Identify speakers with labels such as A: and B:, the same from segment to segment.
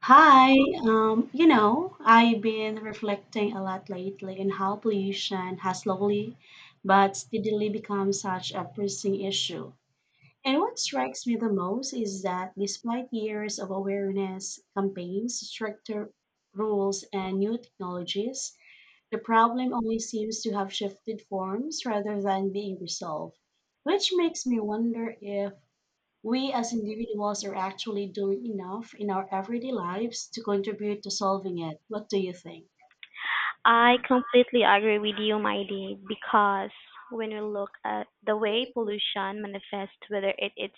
A: Hi,
B: Hi.
A: I've been reflecting a lot lately on how pollution has slowly but steadily become such a pressing issue. And
B: Hello.
A: what strikes me the most is that despite years of awareness campaigns, stricter rules, and new technologies, the problem only seems to have shifted forms rather than being resolved, which
B: Which
A: makes me wonder if we as individuals are actually doing enough in our everyday lives to contribute to solving it. What do you think?
B: I completely agree with you, Mighty, because when we look at the way pollution manifests, whether it is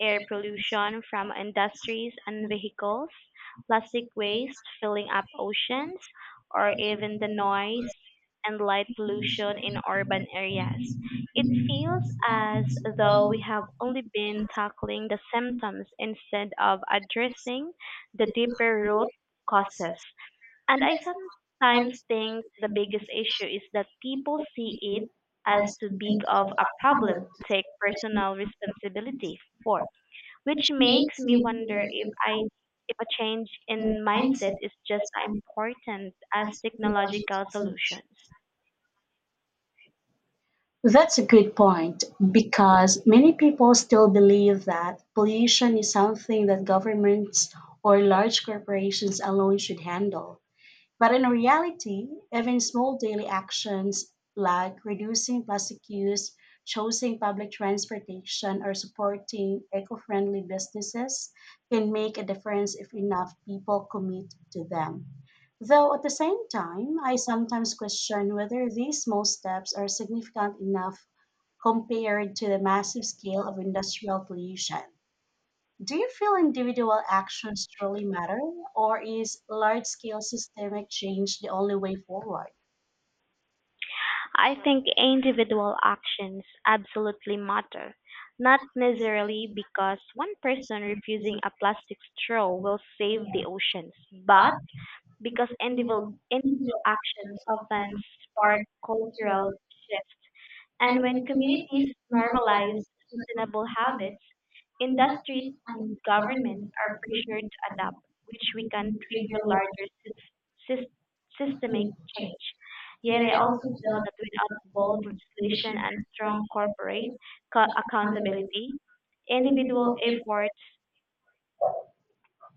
B: air pollution from industries and vehicles, plastic waste filling up oceans, or even the noise and light pollution in urban areas, it feels as though we have only been tackling the symptoms instead of addressing the deeper root causes. And I sometimes think the biggest issue is that people see it as too big of a problem to take personal responsibility for, which makes
A: Makes
B: me
A: me
B: wonder
A: wonder.
B: if a change in mindset
A: Mindset.
B: is just as important as technological solutions.
A: That's a good point because many people still believe that pollution is something that governments or large corporations alone should handle. But in reality, even small daily actions like reducing plastic use, choosing public transportation, or supporting eco friendly businesses can make a difference if enough people commit to them. Though at the same time, I sometimes question whether these small steps are significant enough compared to the massive scale of industrial pollution. Do you feel individual actions truly matter, or is large scale systemic change the only way forward?
B: I think individual actions absolutely matter, not necessarily because one person refusing a plastic straw will save the oceans, but because individual actions often spark cultural shifts, and when communities normalize sustainable habits, industries and governments are pressured to adapt, which we can trigger larger systemic change. Yet I also feel that without bold legislation and strong corporate accountability, individual efforts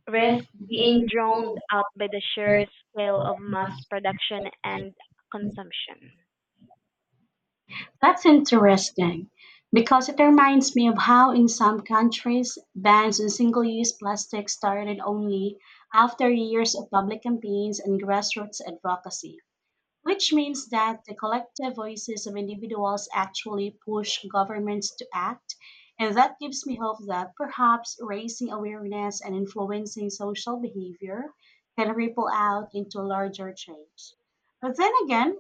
B: risk being drowned out by the sheer scale of mass production and consumption.
A: That's interesting because it reminds me of how, in some countries, bans on single use plastic started only after years of public campaigns and grassroots advocacy, which means that the collective voices of individuals actually push governments to act. And that gives me hope that perhaps raising awareness and influencing social behavior can ripple out into larger change. But then again,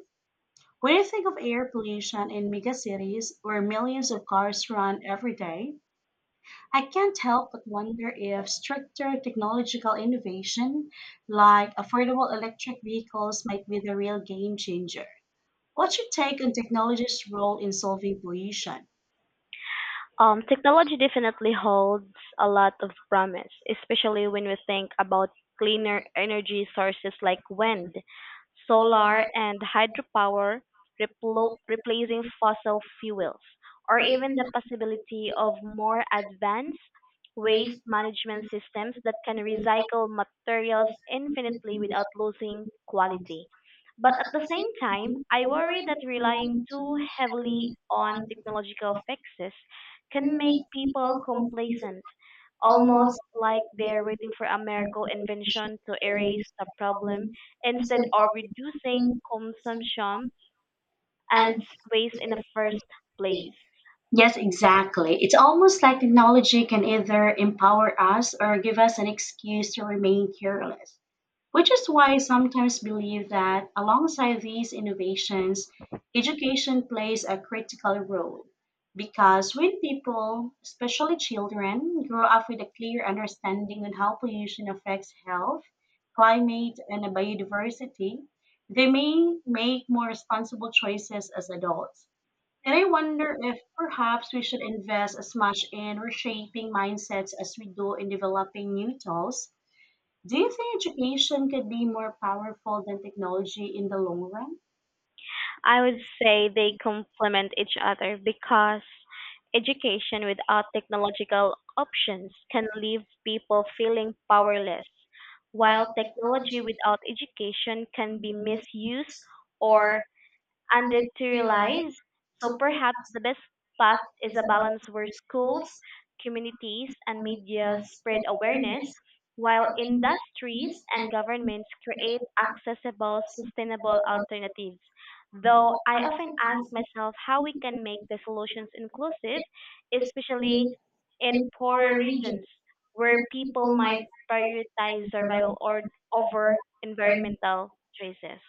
A: when you think of air pollution in megacities where millions of cars run every day, I can't help but wonder if stricter technological innovation like affordable electric vehicles might be the real game changer. What's your take on technology's role in solving pollution?
B: Technology definitely holds a lot of promise, especially when we think about cleaner energy sources like wind, solar, and hydropower replacing fossil fuels, or even the possibility of more advanced waste management systems that can recycle materials infinitely without losing quality. But at the same time, I worry that relying too heavily on technological fixes can make people complacent, almost
A: Almost.
B: like they're waiting for a miracle invention to erase the problem instead of reducing consumption and waste in the first place.
A: Yes, exactly. It's almost like technology can either empower us or give us an excuse to remain careless, which is why I sometimes believe that alongside these innovations, education plays a critical role. Because when people, especially children, grow up with a clear understanding on how pollution affects health, climate, and biodiversity, they may make more responsible choices as adults. And I wonder if perhaps we should invest as much in reshaping mindsets as we do in developing new tools. Do you think education could be more powerful than technology in the long run?
B: I would say they complement each other because education without technological options can leave people feeling powerless, while technology without education can be misused or and deteriorates. So
A: So
B: perhaps the best path is a balance where schools, communities, and media spread awareness,
A: awareness
B: while
A: in that
B: industries and governments create accessible, sustainable
A: level,
B: alternatives. Though I often ask myself how we can make the solutions inclusive, especially
A: actually,
B: in
A: and for
B: poorer
A: a region,
B: regions where people
A: people
B: might
A: might
B: prioritize survival
A: survive
B: or over
A: learning.
B: environmental choices.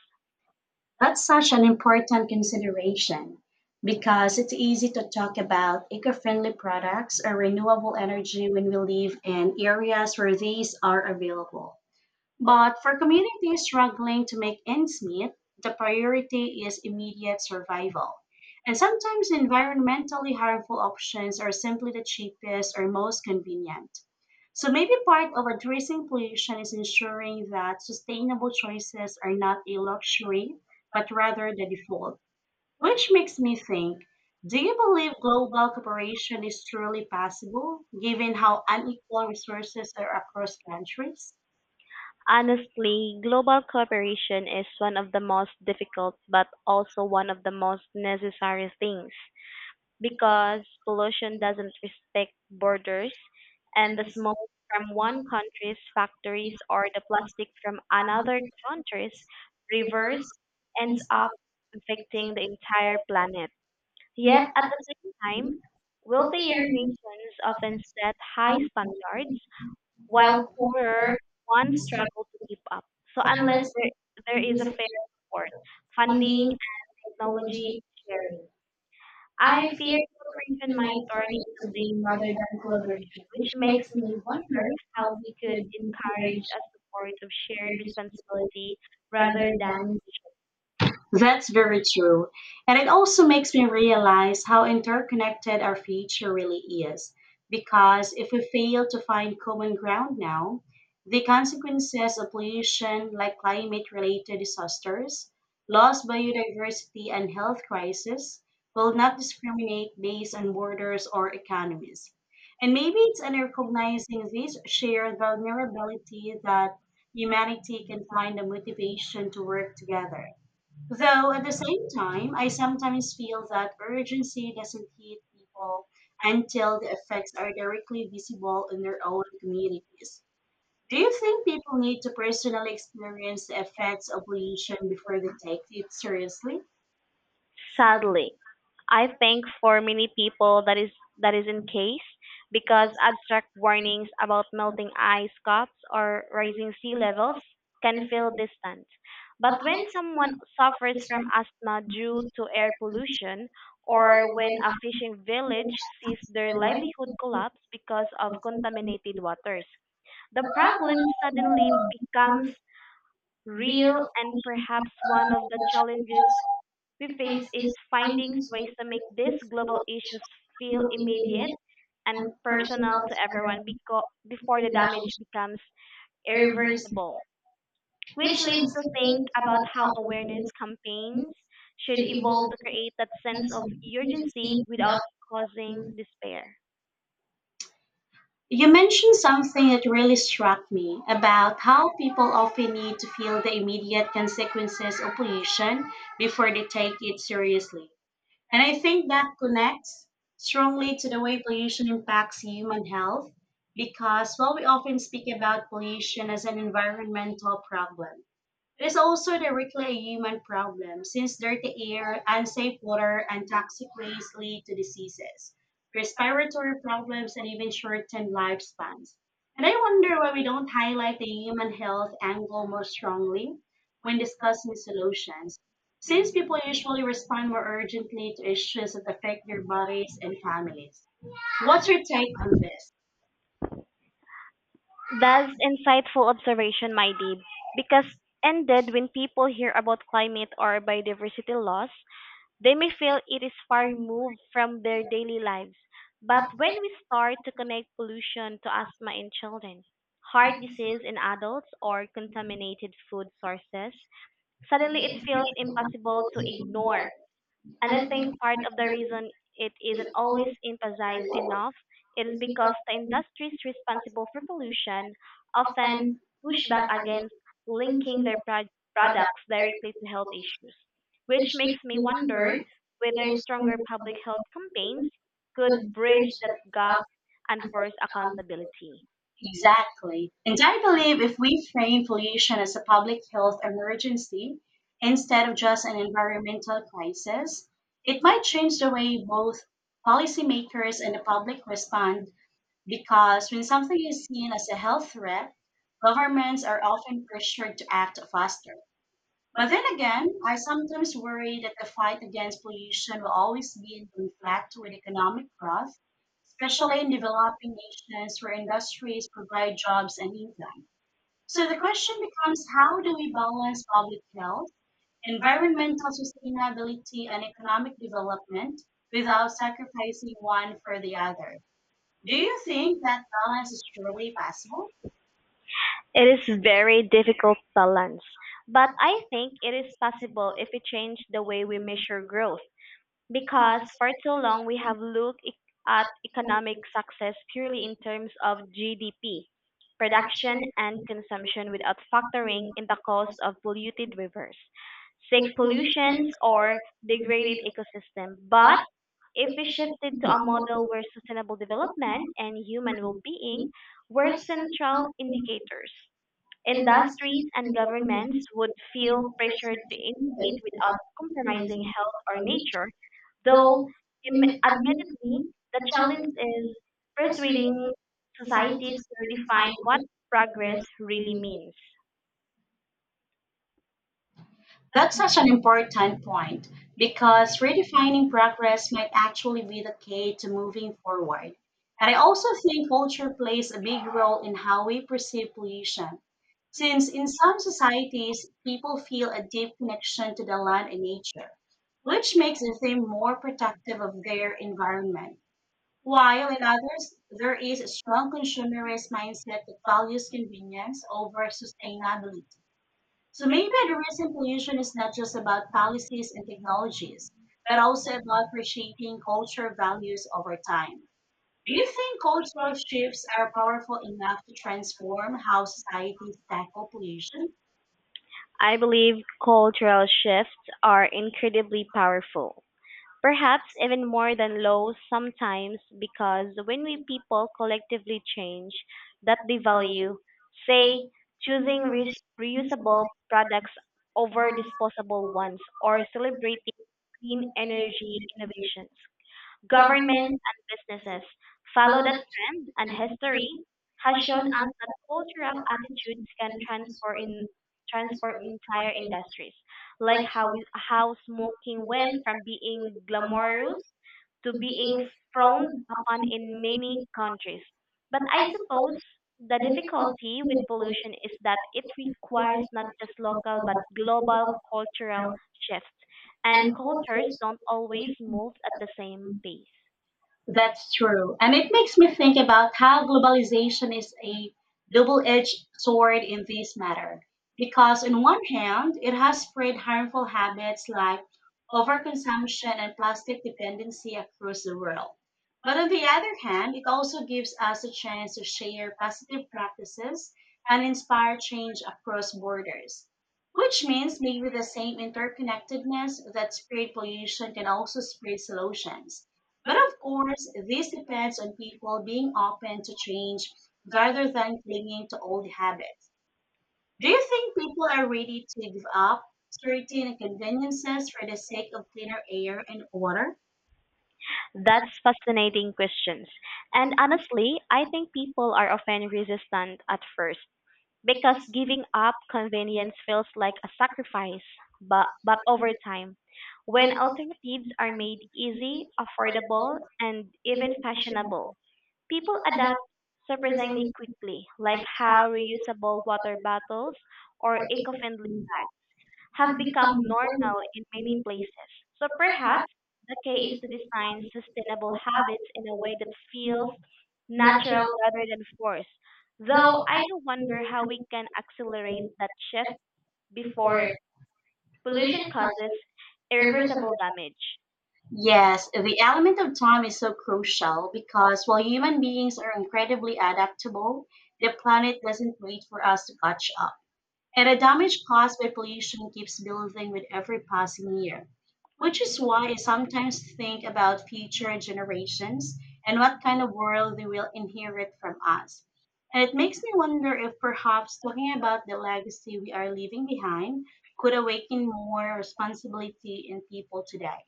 A: That's such an important consideration because it's easy to talk about eco friendly products or renewable energy when we live in areas where these are available. But for communities struggling to make ends meet, the priority is immediate survival. And sometimes environmentally harmful options are simply the cheapest or most convenient. So maybe part of addressing pollution is ensuring that sustainable choices are not a luxury, but rather the default. Which makes me think, do you believe global cooperation is truly possible, given how unequal resources are across countries?
B: Honestly, global cooperation is one of the most difficult but also one of the most necessary things because pollution doesn't respect borders, and the smoke from one country's factories or the plastic from another country's rivers ends up affecting the entire planet. Yet
A: Yes.
B: at the same time, wealthier
A: Years,
B: nations often set high standards while
A: while,
B: poorer ones
A: struggle,
B: struggle to keep up. So unless
A: unless,
B: there is a
A: is a
B: fair support,
A: funding
B: funding,
A: and
B: technology
A: technology.
B: sharing, I
A: I
B: fear
A: feel
B: cooperation
A: in
B: might
A: my
B: turn
A: story
B: into
A: is a
B: blame
A: blame rather
B: rather than
A: than
B: collaboration,
A: collaboration,
B: which
A: which
B: makes
A: makes
B: me
A: me
B: wonder
A: wonder
B: how
A: how
B: we
A: we
B: could
A: could
B: encourage
A: encourage
B: a support of shared
A: shared responsibility
B: responsibility rather
A: rather
B: than
A: than.
B: also
A: That's very true. And it also makes me realize how interconnected our future really is. Because if we fail to find common ground now, the consequences of pollution, like climate related disasters, loss biodiversity, and health crisis, will not discriminate based on borders or economies. And maybe it's
B: because
A: in recognizing this
B: shared
A: shared
B: the necessity
A: vulnerability
B: that
A: that
B: humanity
A: humanity
B: can
A: can
B: find
A: find
B: a
A: the
B: destination
A: motivation to
B: for
A: work
B: together.
A: together.
B: Though
A: Though
B: at
A: at
B: the
A: the
B: same
A: same
B: time,
A: time,
B: I
A: I sometimes
B: sometimes feel
A: feel
B: that
A: that
B: urgency
A: urgency
B: doesn't
A: doesn't hit
B: keep people
A: people
B: until
A: until the
B: the
A: effects
B: effects are
A: are
B: noticing
A: directly
B: people
A: visible
B: in
A: in
B: their
A: their
B: own
A: own
B: space.
A: communities. Do
B: Do
A: you
B: you think
A: think
B: it's
A: people need
B: a
A: to
B: personal
A: personally
B: experience
A: experience the
B: effect
A: effects
B: of
A: of pollution
B: nature for
A: before they
B: the
A: take
B: next
A: it
B: future?
A: seriously?
B: Sadly, I think for many people that is in case, because abstract warnings about melting ice caps or rising sea levels can feel distant. But when someone suffers from asthma due to air pollution, or when a fishing village sees their livelihood collapse because of contaminated waters, the
A: The
B: problem
A: problem
B: suddenly
A: with
B: becomes
A: real,
B: real, and perhaps one of the
A: the
B: challenges
A: challenges
B: we
A: we
B: face
A: face
B: is
A: is
B: finding
A: finding
B: ways to make these global issues feel
A: through
B: immediate
A: immediate
B: and personal
A: personal
B: to everyone before the damage
A: challenge
B: becomes
A: errors,
B: irreversible, which
A: which
B: leads
A: leads
B: to
A: to
B: think
A: think
B: about how awareness
A: families
B: campaigns should
A: should
B: evolve
A: evolve
B: to create that
A: a
B: sense
A: sense
B: of
A: of
B: urgency
A: emergency.
B: without causing despair.
A: You mentioned something that really struck me about how people often need to feel the immediate consequences of pollution before they take it seriously. And I think that connects strongly to the way pollution impacts human health because while we often speak about pollution as an environmental problem, there's also the reclaim human problem, since dirty air, unsafe water, and toxic waste lead to diseases, respiratory problems, and even shortened lifespans. And I wonder why we don't highlight the human health angle more strongly when discussing solutions,
B: This
A: since people
B: definition
A: usually respond more
B: requires
A: urgently to
B: distinction
A: issues that
B: between
A: affect their
B: theory
A: bodies
B: and
A: and
B: practice.
A: families.
B: What
A: What's
B: we
A: your take on this?
B: That's insightful observation, my deep. Because ended when people hear about climate or biodiversity loss, they may feel it is far removed from their daily lives. But when we start to connect pollution to asthma in children, heart disease in adults, or contaminated food sources, suddenly it feels impossible to ignore. And
A: And
B: I
A: I
B: think
A: think,
B: part of the reason it isn't always emphasized enough is because the industries responsible for pollution often
A: and
B: push back against linking
A: linking
B: their
A: that,
B: products directly to health issues, which makes
A: we
B: me wonder
A: wonder.
B: whether stronger public health campaigns could bridge that gap and force accountability.
A: Exactly. And I believe if we frame pollution as a public health emergency instead of just an environmental crisis, it might change the way both policymakers and the public respond
B: Because
A: because
B: when
A: when
B: something
A: something is
B: is
A: seen as
B: a
A: a
B: health
A: health
B: threat,
A: threat,
B: governments
A: governments
B: are
A: are
B: often
A: often
B: pressured
A: pressured
B: to
A: to
B: act
A: act
B: upon.
A: faster.
B: But
A: But
B: then
A: then
B: again,
A: again,
B: when
A: I
B: it comes to the
A: sometimes worry
B: worried that
A: that
B: the
A: the
B: fight
A: fight
B: against
A: against
B: inflation
A: pollution will
B: will always
A: always be
B: lead
A: in
B: to lags
A: conflict
B: with
A: with
B: economic
A: economic
B: growth,
A: growth,
B: especially
A: especially
B: in
A: in
B: developing
A: developing
B: nations
A: nations where
B: where industries
A: industries
B: provide
A: provide
B: jobs.
A: jobs
B: And
A: and income.
B: so
A: So
B: the
A: the
B: question
A: question
B: becomes,
A: becomes
B: how
A: how
B: do
A: do
B: we
A: we
B: balance
A: balance public
B: public health,
A: health,
B: environmental
A: environmental
B: sustainability,
A: sustainability,
B: and
A: and
B: economic
A: economic
B: development
A: development
B: without
A: without
B: sacrificing
A: sacrificing
B: one
A: one
B: for
A: for
B: the
A: the
B: other?
A: other?
B: Do
A: Do
B: you
A: you
B: think
A: think that
B: that balance
A: balance is
B: is really
A: truly possible?
B: possible? It is very difficult balance, but I think it is possible if we change the way we measure growth, because for too long we have looked at economic success purely in terms of GDP, production and consumption, without factoring in the cost of polluted rivers, sick pollutions or degraded ecosystem. But if we shifted to a model where sustainable development and human well-being were central indicators, industries
A: Industry,
B: and governments
A: governments,
B: would feel pressured to
A: and
B: innovate
A: health
B: without compromising health or
A: are linked,
B: nature, though
A: though
B: admittedly,
A: Admittedly,
B: the challenge
A: challenge,
B: is
A: press reading
B: persuading
A: society.
B: societies to redefine what progress really means.
A: That's such an important point because redefining progress might actually be the key to moving forward. And I also think culture plays a big role in how we perceive pollution. Since in some societies, people feel a deep connection to the land and nature, which makes them more protective of their environment.
B: While
A: While
B: in
A: in
B: others
A: others,
B: are
A: there is
B: either
A: a
B: strong
A: strong
B: consumerist
A: consumerist
B: mindset that
A: mindset that
B: values
A: values
B: convenience
A: convenience
B: over
A: over
B: sustainability.
A: sustainability.
B: So
A: So
B: maybe
A: maybe
B: the
A: the
B: recent
A: recent
B: pollution
A: pollution
B: is
A: is
B: not
A: not
B: just
A: just
B: about
A: about
B: policies
A: policies
B: and
A: and
B: technologies,
A: technologies,
B: but
A: but
B: also
A: also about
B: about achieving
A: reshaping
B: cultural
A: cultural
B: values
A: values
B: over
A: over
B: time.
A: time.
B: Do
A: Do
B: you
A: you
B: think
A: think
B: cultural
A: cultural
B: shifts
A: shifts
B: are
A: are
B: powerful
A: powerful
B: enough
A: enough
B: to
A: to
B: transform
A: transform
B: how
A: how
B: societies
A: societies
B: tackle
A: tackle
B: pollution?
A: pollution?
B: I believe cultural shifts are incredibly powerful. Perhaps even more than low sometimes, because when we people collectively change that they value, say, choosing reusable products over disposable ones or celebrating clean energy innovations, governments
A: Mention,
B: and businesses follow that trend, and history has shown
A: and
B: us that cultural attitudes can transform in transform entire industries, like how smoking went
A: went
B: from being glamorous to
A: through
B: being
A: being
B: frowned upon in many countries. But I suppose
A: supposed,
B: the
A: because
B: difficulty with
A: it
B: pollution is that it requires not
A: requires,
B: just local but global cultural shifts, and
A: and
B: cultures
A: cultures.
B: don't always move at the same pace then
A: That's true. And it
B: treatment
A: makes me think about how
B: with
A: globalization is a double
B: dual
A: edged
B: inventory
A: sword in
B: is
A: this
B: better,
A: matter.
B: because
A: Because, on one
B: once
A: hand,
B: you
A: it
B: have
A: has
B: the
A: spread harmful
B: harmful habits
A: habits like
B: like overconsumption
A: overconsumption
B: and
A: and
B: toxic
A: plastic
B: dependency
A: dependency
B: as
A: across the
B: consumer.
A: world. But
B: But on
A: on
B: the
A: the
B: other
A: other
B: hand,
A: hand,
B: it
A: it
B: also
A: also
B: gives
A: gives
B: us
A: us a
B: a chance
A: chance
B: to
A: to
B: share
A: share
B: positive
A: positive
B: practices
A: practices
B: and
A: and
B: inspire
A: inspire
B: change
A: change
B: across
A: across
B: borders,
A: borders.
B: which
A: Which
B: means
A: means
B: we do
A: maybe the
B: the same
A: same
B: for effectiveness,
A: interconnectedness
B: for
A: that spread
B: creation,
A: pollution
B: and
A: can
B: also
A: also
B: for
A: spread
B: solution.
A: solutions. But
B: But of
A: of
B: course,
A: course,
B: it
A: this
B: depends
A: depends
B: on
A: on
B: people
A: people
B: being
A: being
B: often
A: open to
B: changed,
A: change
B: rather
A: rather
B: than
A: than
B: sticking
A: clinging to
B: to old
A: old
B: habits.
A: habits.
B: Do
A: Do
B: you
A: you
B: think
A: think
B: people
A: people
B: are
A: are ready to
B: waking
A: give
B: up
A: up
B: searching
A: certain
B: conveniences
A: conveniences
B: for
A: for the
B: the sake
A: sake
B: of
A: of
B: cleaner
A: cleaner
B: air
A: air
B: and
A: and
B: water?
A: water?
B: That's fascinating questions. And honestly, I think people are often resistant at first, because giving up convenience feels like a sacrifice. But over time, when alternatives are made easy, affordable, and even fashionable, people adapt surprisingly
A: Presenting
B: quickly, like how reusable water bottles or eco-friendly
A: that,
B: have become
A: become more and
B: normal
A: more
B: in many
A: unique,
B: places. So perhaps the key is to
A: especially
B: design sustainable habits
A: if
B: in a way that feels natural
A: natural,
B: rather than forced. Though
A: though
B: I do wonder how we can accelerate that shift
A: for
B: before pollution
A: pollution,
B: causes
A: irreversible.
B: irreversible damage.
A: Yes, the element of time is so crucial because while human beings are incredibly adaptable, the planet doesn't wait for us to catch up. And the damage caused by pollution keeps building with every passing year,
B: Which
A: which
B: is
A: is
B: why
A: why
B: I
A: I
B: sometimes
A: sometimes
B: think
A: think
B: about
A: about future
B: stretching
A: generations
B: and
A: and
B: what
A: what
B: kind
A: kind
B: of
A: of
B: world.
A: world they will inherit from us. And
B: And
A: it
B: it makes
A: makes me
B: me wonder
A: wonder if
B: how
A: perhaps
B: talking
A: talking
B: about
A: about the
B: the
A: legacy we are
B: earth
A: leaving behind could
B: could awaken
A: awaken
B: more
A: more responsibility in people
B: depth.
A: today.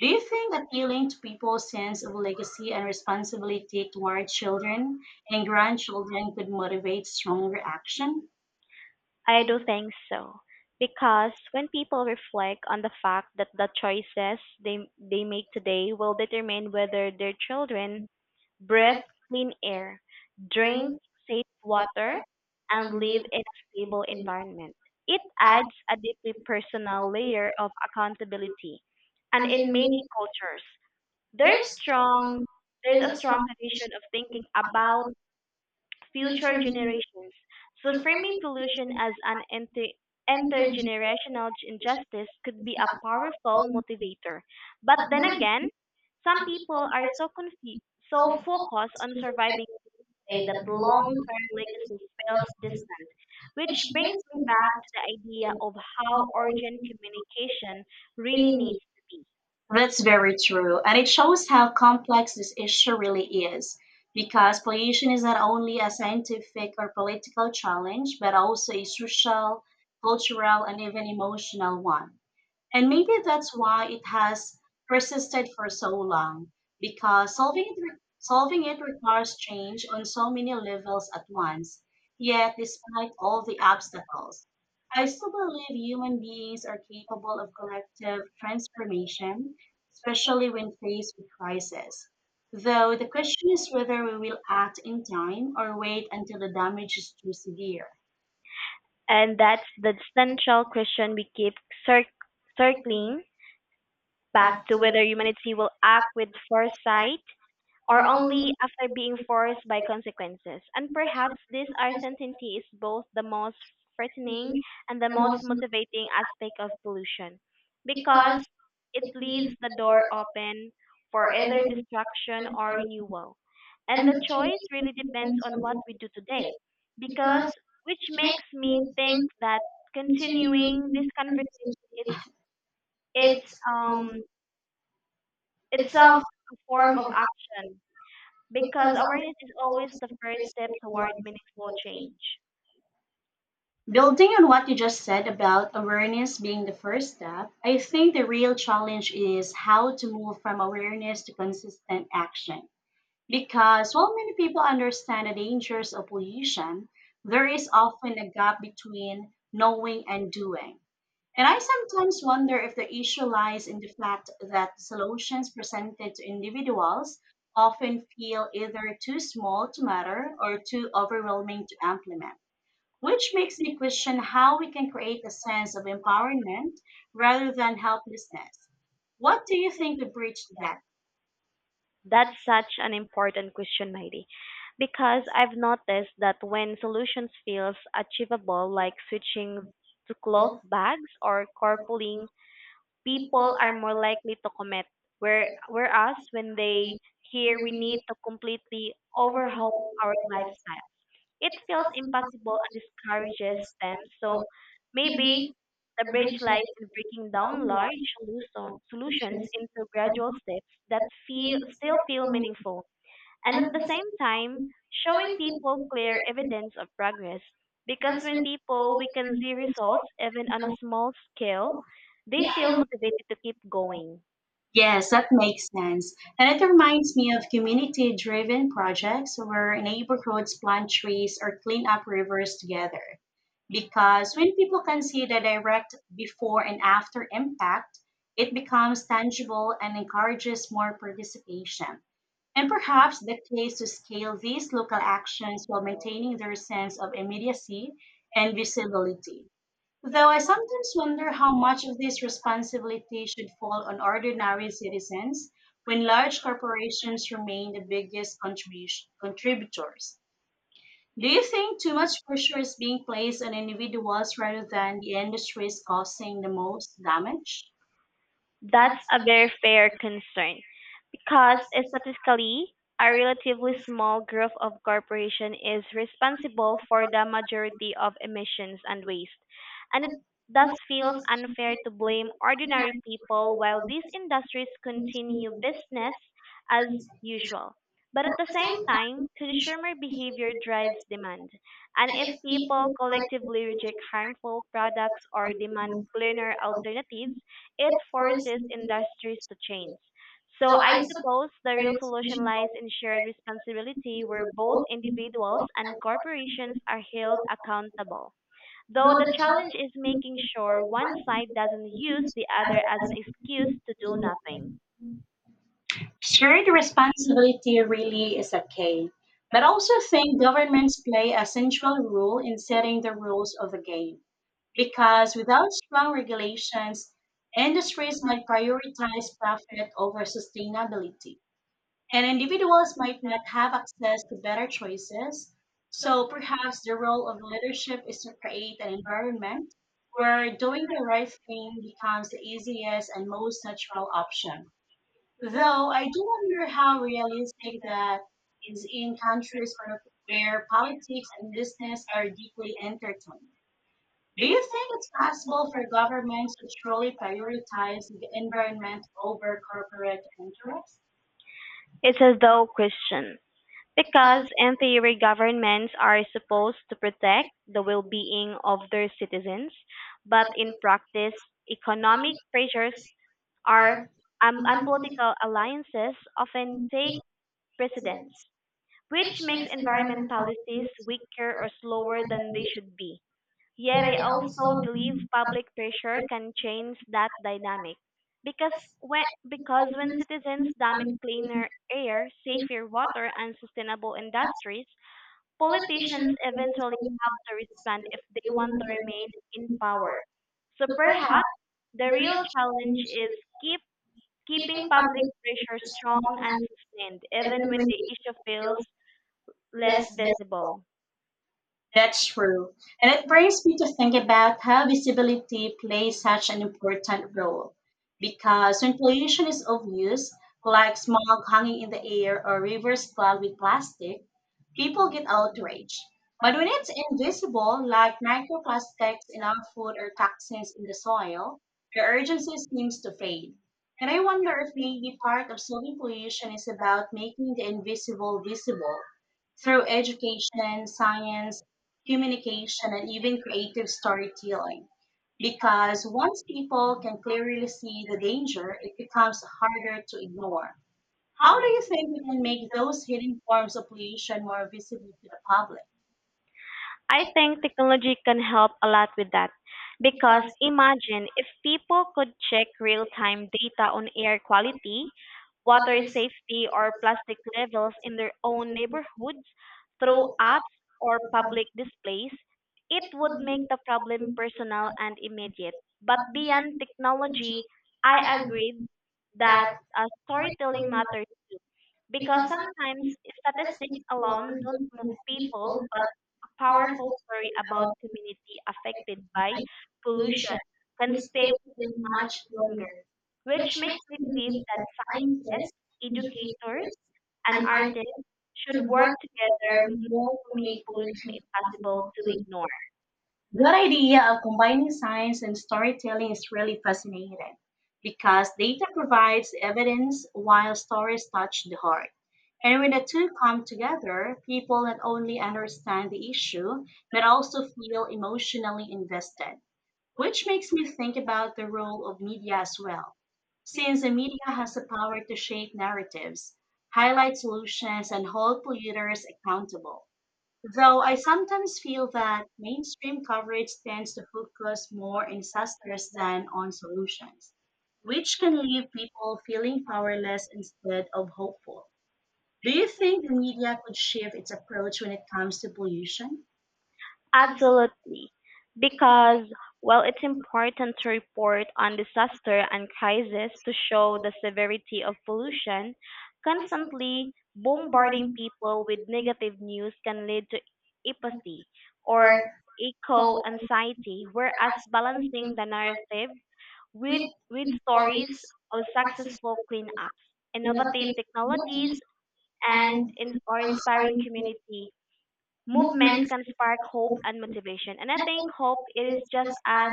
A: Do
B: you
A: you
B: think
A: think appealing to
B: most
A: people's sense of legacy and
B: sensitive take
A: responsibility
B: for
A: toward
B: children
A: children
B: and
A: and
B: grandchildren
A: grandchildren could
B: would
A: motivate
B: awaken children
A: stronger
B: reactions?
A: action?
B: I do think so. Because when people reflect on the fact that the choices they make today will determine whether their children breathe clean air, drink safe water, and live in a stable environment. It adds a deeply personal layer of accountability. And
A: In
B: in many
A: many,
B: cultures, there's
A: um,
B: strong there's a strong tradition of thinking about future generations. So
A: future-centered,
B: framing pollution as an intergenerational injustice could be a powerful motivator. But then again, some people are so confused, so focused on surviving today
A: today
B: that
A: that belong,
B: long-term legacies feels distant, which
A: which
B: brings
A: brings
B: me
A: me
B: back
A: back,
B: to the idea of how urgent communication really
A: bringing me.
B: needs to be.
A: That's very true, and it shows how complex this issue really is. Because pollution is not only a scientific or political challenge, but also a social, cultural, and even emotional one. And maybe that's why it has
B: Persisted
A: persisted
B: for
A: for
B: so
A: so
B: long?
A: long,
B: Because
A: because solving
B: holding
A: it, re-
B: holding
A: solving
B: it
A: it
B: requires
A: requires
B: change
A: change
B: on
A: on so
B: solving
A: many
B: the missiles
A: levels
B: at
A: at
B: once.
A: once.
B: Yet
A: Yet, despite
B: despite
A: all
B: all the
A: the
B: obstacles,
A: obstacles, I
B: I still
A: still
B: believe
A: believe human
B: human beings
A: beings
B: are
A: are
B: capable
A: capable
B: of
A: of collective
B: collective transformation,
A: transformation,
B: especially
A: especially
B: when
A: when
B: faced
A: faced
B: with
A: with
B: crisis.
A: crisis.
B: Though
A: Though the
B: the
A: question
B: question is
A: is
B: whether
A: whether we
B: we
A: will act in time
B: are the
A: or wait until the
B: damage
A: damage is too
B: to the
A: severe.
B: earth. And that's the central question we keep cir- circling back to, whether humanity will act with foresight or only
A: Only
B: after being forced by consequences. And perhaps this uncertainty is both the most
A: thing,
B: threatening and the
A: the
B: most
A: most,
B: motivating aspect of pollution, because it
A: likely
B: leaves
A: is
B: the
A: the
B: door
A: door,
B: open for
A: or
B: either
A: either,
B: destruction or renewal. And
A: and
B: the
A: the
B: choice really
A: children's
B: depends on what
A: also,
B: we do today, because
A: because
B: which
A: it
B: makes
A: makes
B: me
A: me
B: think
A: think
B: that continuing
A: continuing
B: this
A: this
B: conversation
A: conversation.
B: it's it's
A: It's um
B: um
A: it's
B: itself
A: a
B: a form
A: form
B: of
A: of our
B: action, because awareness is always the first step toward meaningful
A: research.
B: change.
A: Building on what you just said about awareness being the first step, I think the real challenge is how to move from awareness to consistent action. Because while many people understand the dangers of pollution, there is often a gap between knowing and doing. And I sometimes wonder if the issue lies in the fact that solutions presented to individuals often feel either too small to matter or too overwhelming to implement, which makes me question how we can create a sense of empowerment rather than helplessness. What do you think would bridge the gap?
B: That's such an important question, Mighty, because I've noticed that when solutions feels achievable, like switching to cloth bags or carpooling, people are more likely to commit. Whereas when they hear we need to completely overhaul our lifestyle, it feels impossible and discourages them. So maybe the bridge lies in breaking down
A: Download
B: solutions into gradual steps that feel
A: is,
B: still feel
A: um,
B: meaningful, and
A: and
B: at
A: of
B: the
A: the
B: same time showing people clear evidence of progress because when
A: assessment
B: people we can see results
A: result,
B: even on a small scale, they
A: they
B: feel
A: feel.
B: motivated to keep going
A: Yes, that makes sense. And it reminds me of community driven projects where neighborhoods plant trees or clean up rivers together. Because when people can see the direct before and after impact, it becomes
B: because
A: tangible and encourages more participation. And
B: perhaps
A: perhaps the case to
B: the
A: scale
B: biggest
A: these
B: local
A: local
B: action is
A: actions
B: the
A: while maintaining
B: ridiculous
A: their
B: sense
A: sense
B: of
A: of
B: being
A: immediacy and
B: invisible.
A: visibility.
B: So
A: Though
B: I
A: I
B: sometimes
A: sometimes
B: wonder
A: wonder
B: how
A: how
B: much
A: much
B: of
A: of
B: this
A: this
B: funds would on
A: responsibility should fall on
B: ordinary
A: ordinary
B: people
A: citizens
B: when
A: when
B: large
A: large
B: corporations
A: corporations
B: remain
A: remain the
B: the way they
A: biggest
B: contribute.
A: contributors. Do
B: Do
A: you
B: you think
A: think too much pressure
B: it's
A: is being placed on individuals
B: possible
A: rather than the industries
B: to
A: causing
B: the
A: the
B: most
A: most
B: damage?
A: damage?
B: That's a very fair concern, because statistically, a relatively small group of corporations is responsible for the majority of emissions and waste, and it thus feels unfair to blame ordinary people while these industries
A: Mhm.
B: continue business as usual. But at the same
A: Same time,
B: time, consumer behavior drives demand, and if people
A: people,
B: collectively reject harmful products or demand cleaner alternatives, it
A: of course,
B: forces industries to change. So
A: so
B: I
A: I saw
B: suppose the
A: the
B: real
A: real
B: solution
A: solution
B: lies
A: of
B: in shared responsibility where both
A: both
B: individuals and corporations are held
A: individual
B: accountable. Though the
A: the challenge
B: challenge is
A: is
B: making
A: making for
B: sure one side doesn't
A: one
B: use
A: industry
B: the other
A: other
B: as
A: as
B: an
A: a
B: excuse
A: business
B: to
A: to
B: do
A: do
B: nothing.
A: nothing. Shared responsibility really is a key, but also think governments play a central role in setting the rules of the game. Because without strong regulations, industries might prioritize profit over sustainability,
B: And
A: and
B: individuals
A: individuals might
B: might not
A: not have
B: have access
A: access
B: to
A: to
B: better
A: better
B: choices.
A: choices.
B: So
A: So
B: perhaps
A: perhaps the
B: the role
A: role
B: of
A: of
B: leadership
A: leadership
B: is
A: is
B: to
A: to
B: create
A: create
B: an
A: an
B: environment
A: environment
B: where
A: where
B: doing
A: doing
B: the
A: the
B: right
A: right thing
B: thing becomes
A: becomes
B: the
A: the
B: easiest
A: easiest
B: and
A: and
B: most
A: most
B: natural
A: natural
B: option.
A: option.
B: Though
A: Though
B: I
A: I
B: do
A: do
B: wonder
A: wonder
B: how
A: how
B: realistic
A: realistic
B: that
A: that
B: is
A: is
B: in
A: in
B: countries
A: countries
B: where
A: where,
B: where
A: where
B: politics
A: politics
B: and
A: and
B: business
A: business
B: are
A: are
B: deeply
A: deeply intertwined.
B: intertwined. Do
A: Do
B: you
A: you
B: think
A: think
B: it's
A: it's
B: possible
A: possible
B: for
A: for
B: governments
A: governments
B: to
A: to truly
B: truly prioritize
A: prioritize the
B: environment
A: environment
B: over
A: over
B: corporate
A: corporate
B: interests?
A: interests?
B: It's a dull question, because, in theory, governments are supposed to protect the well-being of their citizens, but in practice, economic pressures are and political alliances often take
A: And
B: precedence, which makes environment
A: environment
B: policies
A: policies
B: weaker or slower than
A: and the
B: they
A: issue
B: should be. Yet, I also believe
A: of
B: public pressure can change that dynamic. Because when, because when
A: business
B: citizens demand
A: from
B: cleaner air, safer water, and sustainable industries, politicians
A: patients
B: eventually
A: eventually
B: have
A: have
B: to respond if they
A: the
B: want to remain
A: long-term
B: in power.
A: power.
B: So perhaps
A: Perhaps
B: the
A: the
B: real
A: real
B: challenge
A: challenge
B: is keep keeping public pressure strong and
A: and
B: sustained, even
A: even
B: when
A: when
B: the
A: it
B: issue feels
A: feels
B: less
A: less.
B: visible.
A: That's true. And it brings me to think about how visibility plays such an important role. Because when pollution is obvious, like smog hanging in the air or rivers clogged with plastic, people get outraged. But when it's invisible, like microplastics in our food or toxins in the soil, the urgency seems to fade.
B: And
A: And
B: I
A: I
B: wonder
A: wonder
B: if
A: if
B: maybe
A: maybe
B: part
A: part
B: of
A: of
B: the
A: solving
B: equation
A: pollution
B: is
A: is
B: about
A: about making the
B: making it more
A: invisible
B: visible
A: visible
B: through
A: through
B: education,
A: education,
B: science,
A: science,
B: communication,
A: communication,
B: and
A: and
B: even
A: even creative
B: creative storytelling.
A: storytelling.
B: Because
A: Because once
B: people
A: people
B: can
A: can
B: clearly
A: clearly
B: see
A: see
B: the
A: the
B: danger,
A: danger,
B: it
A: it
B: becomes
A: becomes
B: harder
A: harder
B: to
A: to
B: ignore.
A: ignore.
B: How
A: How
B: do
A: do
B: you
A: you
B: think
A: think
B: we
A: we
B: can
A: can
B: make
A: make
B: those
A: those hidden
B: kinds
A: forms
B: of
A: of
B: equation
A: pollution
B: more
A: more visible to the
B: possible?
A: public?
B: I think technology can help a lot with that. Because imagine if people could check real time data on air quality, water safety, or plastic levels in their own neighborhoods through apps or public displays, it would make the problem personal and immediate. But beyond technology, I agreed that storytelling matters because sometimes statistics alone don't move people,
A: People,
B: but
A: but
B: a powerful
A: powerful
B: story about
A: about
B: community affected by pollution
A: pollution
B: can stay
A: stay in
B: much
A: much
B: longer,
A: longer.
B: which makes
A: I
B: me believe
A: believe
B: that
A: that
B: scientists,
A: scientists, educators,
B: educators, and
A: and art
B: artists should
A: should
B: work
A: work
B: together
A: together
B: more
A: more
B: to
A: to
B: make
A: make
B: pollution
A: pollution
B: impossible to
A: to
B: ignore.
A: your idea of combining science and storytelling is really fascinating because data provides evidence while stories touch the heart.
B: And
A: And when
B: when a
A: the
B: team
A: two
B: comes
A: come
B: together,
A: together, people
B: will
A: not
B: not only
A: only
B: understand
A: understand
B: the
A: the
B: issue,
A: issue,
B: but
A: but
B: also
A: also
B: feel
A: feel emotionally
B: emotionally with.
A: invested,
B: Which
A: which
B: makes
A: makes
B: me
A: me
B: think
A: think
B: about
A: about
B: the
A: the role
B: role of
A: of media
B: media as
A: as
B: well.
A: well.
B: Since
A: Since the
B: the
A: media
B: media has
A: has
B: the
A: the
B: power
A: power
B: to
A: to
B: shape
A: shape
B: narratives,
A: narratives,
B: highlight
A: highlight
B: emotions,
A: solutions,
B: and
A: and hold polluters accountable.
B: so
A: Though
B: I
A: I
B: sometimes
A: sometimes feel that mainstream
B: read
A: coverage tends to
B: much
A: focus
B: more
A: more on
B: investors
A: disasters
B: than
A: than
B: on
A: on
B: solutions,
A: solutions,
B: which
A: which
B: can
A: can
B: lead
A: leave
B: people
A: people
B: feeling
A: feeling
B: powerless
A: powerless instead
B: or
A: of
B: hopeless.
A: hopeful.
B: Do
A: Do you
B: you think
A: think
B: the
A: the
B: media
A: media could
B: should shift
A: shift
B: its
A: its
B: approach
A: approach when
B: to
A: it comes to
B: conflict resolution?
A: pollution?
B: Absolutely, because well, it's important to report on disaster and crisis to show the severity of pollution. Constantly bombarding people with negative news can lead to apathy or eco anxiety, whereas balancing the narrative with with
A: With
B: stories of successful cleanups, innovative
A: innovative
B: technologies,
A: technologies and
B: or
A: or
B: inspiring
A: inspiring
B: community movements
A: movements
B: can spark hope and motivation, and I think hope it is just as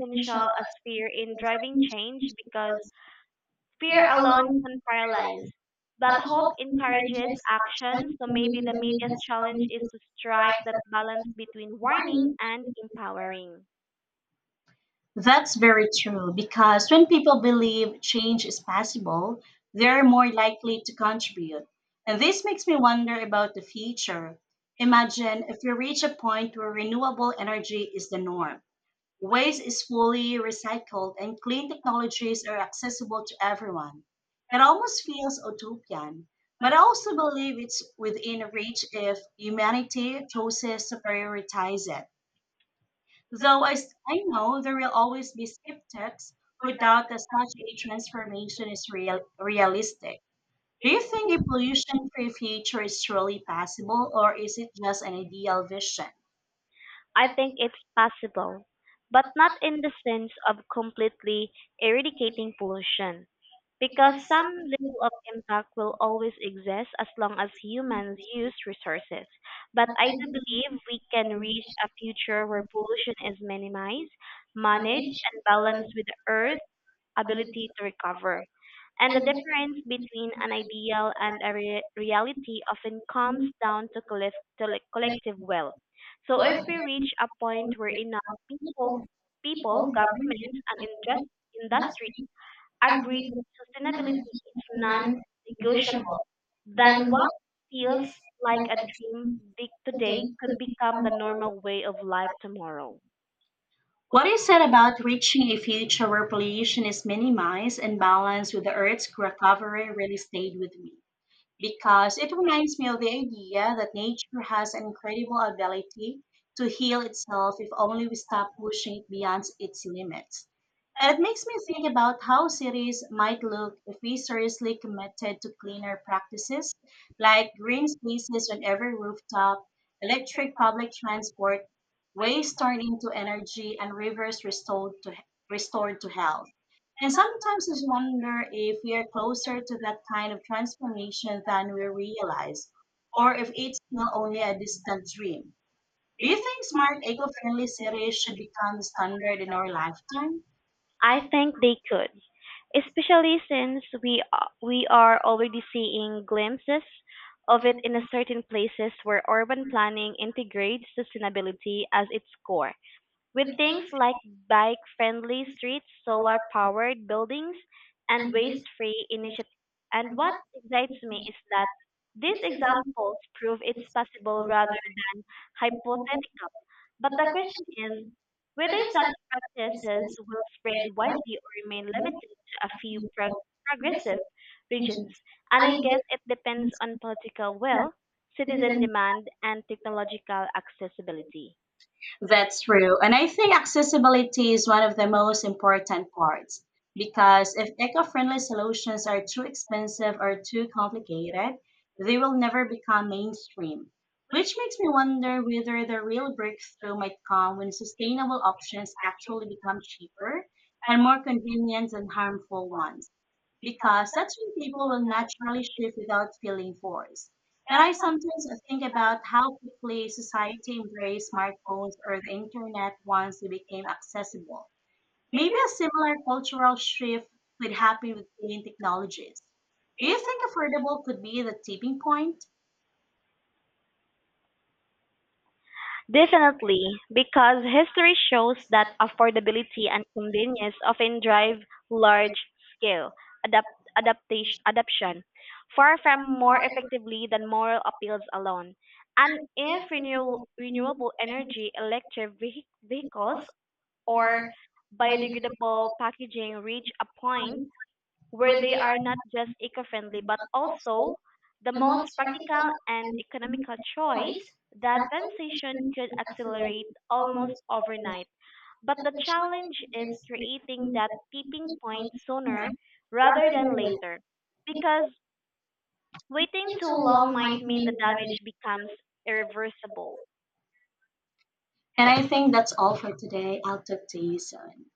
A: essential
B: as fear in driving
A: as
B: change because fear
A: here
B: alone
A: alone to
B: can paralyze.
A: realize
B: But
A: but
B: hope encourages
A: encourages
B: action,
A: action.
B: so
A: So
B: maybe
A: maybe
B: the
A: the
B: media's
A: media
B: challenge
A: challenge
B: is
A: is
B: to strike
A: right
B: that balance
A: balance between
B: between warning
A: warning.
B: and empowering.
A: That's very true because when people believe change is possible, they're more likely to contribute. And this makes me wonder about the future. Imagine if we reach a point where renewable energy is the norm, waste is fully recycled, and clean technologies are accessible to everyone. It almost feels utopian, but I also believe it's within reach if humanity chooses to prioritize it. Though I know there will always be skeptics who doubt that such a transformation is realistic. Do you think a pollution free future is truly possible, or is it just an ideal vision?
B: I think it's possible, but not in the sense of completely eradicating pollution, because some level of impact will always exist as long as humans use resources. But I do believe we can reach a future where pollution is minimized, managed, and balanced with the earth ability to recover. And the difference between an ideal and reality often comes down to collective will. So if we reach a point where enough
A: People,
B: people,
A: government,
B: governments, and industry agree
A: say
B: that
A: sustainability
B: sustainability
A: is
B: is non-negotiable,
A: non-negotiable,
B: then
A: then
B: what
A: what
B: feels
A: else
B: like a dream big today could
A: could
B: become
A: become.
B: the normal way of life tomorrow.
A: What is said about reaching a future where pollution is minimized and balanced with the Earth's recovery really stayed with me, because it reminds me of the idea that nature has an incredible ability to heal itself if only we stop pushing it beyond its limits. And it makes me think about how cities might look if we seriously committed to cleaner practices like green spaces on every rooftop, electric public transport, waste turned into energy, and rivers restored to health. And sometimes I wonder if we are closer to that kind of transformation than we realize, or if it's still only a distant dream. Do you think smart, eco friendly cities should become the standard in our lifetime?
B: I think they could, especially since we are already seeing glimpses of it in a certain places where urban planning integrates sustainability as its core. With things like bike-friendly streets, solar-powered buildings, and waste-free initiatives. And what excites me is that these examples prove it's possible rather than hypothetical. But the question is whether such practices will spread widely or remain limited to a few progressive regions. And I guess it depends on political will, citizen demand, and technological accessibility.
A: That's true. And I think accessibility is one of the most important parts because if eco friendly solutions are too expensive or too complicated, they will never become mainstream. Which makes me wonder whether the real breakthrough might come when sustainable options actually become cheaper and more convenient than harmful ones, because that's when people will naturally shift without feeling forced. And I sometimes think about how quickly society embraced smartphones or the internet once they became accessible. Maybe a similar cultural shift could happen with clean technologies. Do you think affordable could be the tipping point?
B: Definitely, because history shows that affordability and convenience often drive large-scale adoption, far from more effectively than moral appeals alone. And if renewable energy, electric vehicles, or biodegradable packaging reach a point where they are not just eco-friendly but also the most practical and economical choice, that transition could
A: So
B: accelerate almost
A: almost
B: overnight. But the challenge is creating
A: in
B: that tipping point
A: the summer
B: sooner rather
A: rather
B: than
A: than late.
B: later,
A: Because
B: because waiting too
A: too
B: long
A: long
B: might
A: might
B: mean the
A: mean.
B: damage becomes irreversible.
A: And I think that's all for today. I'll talk to you soon.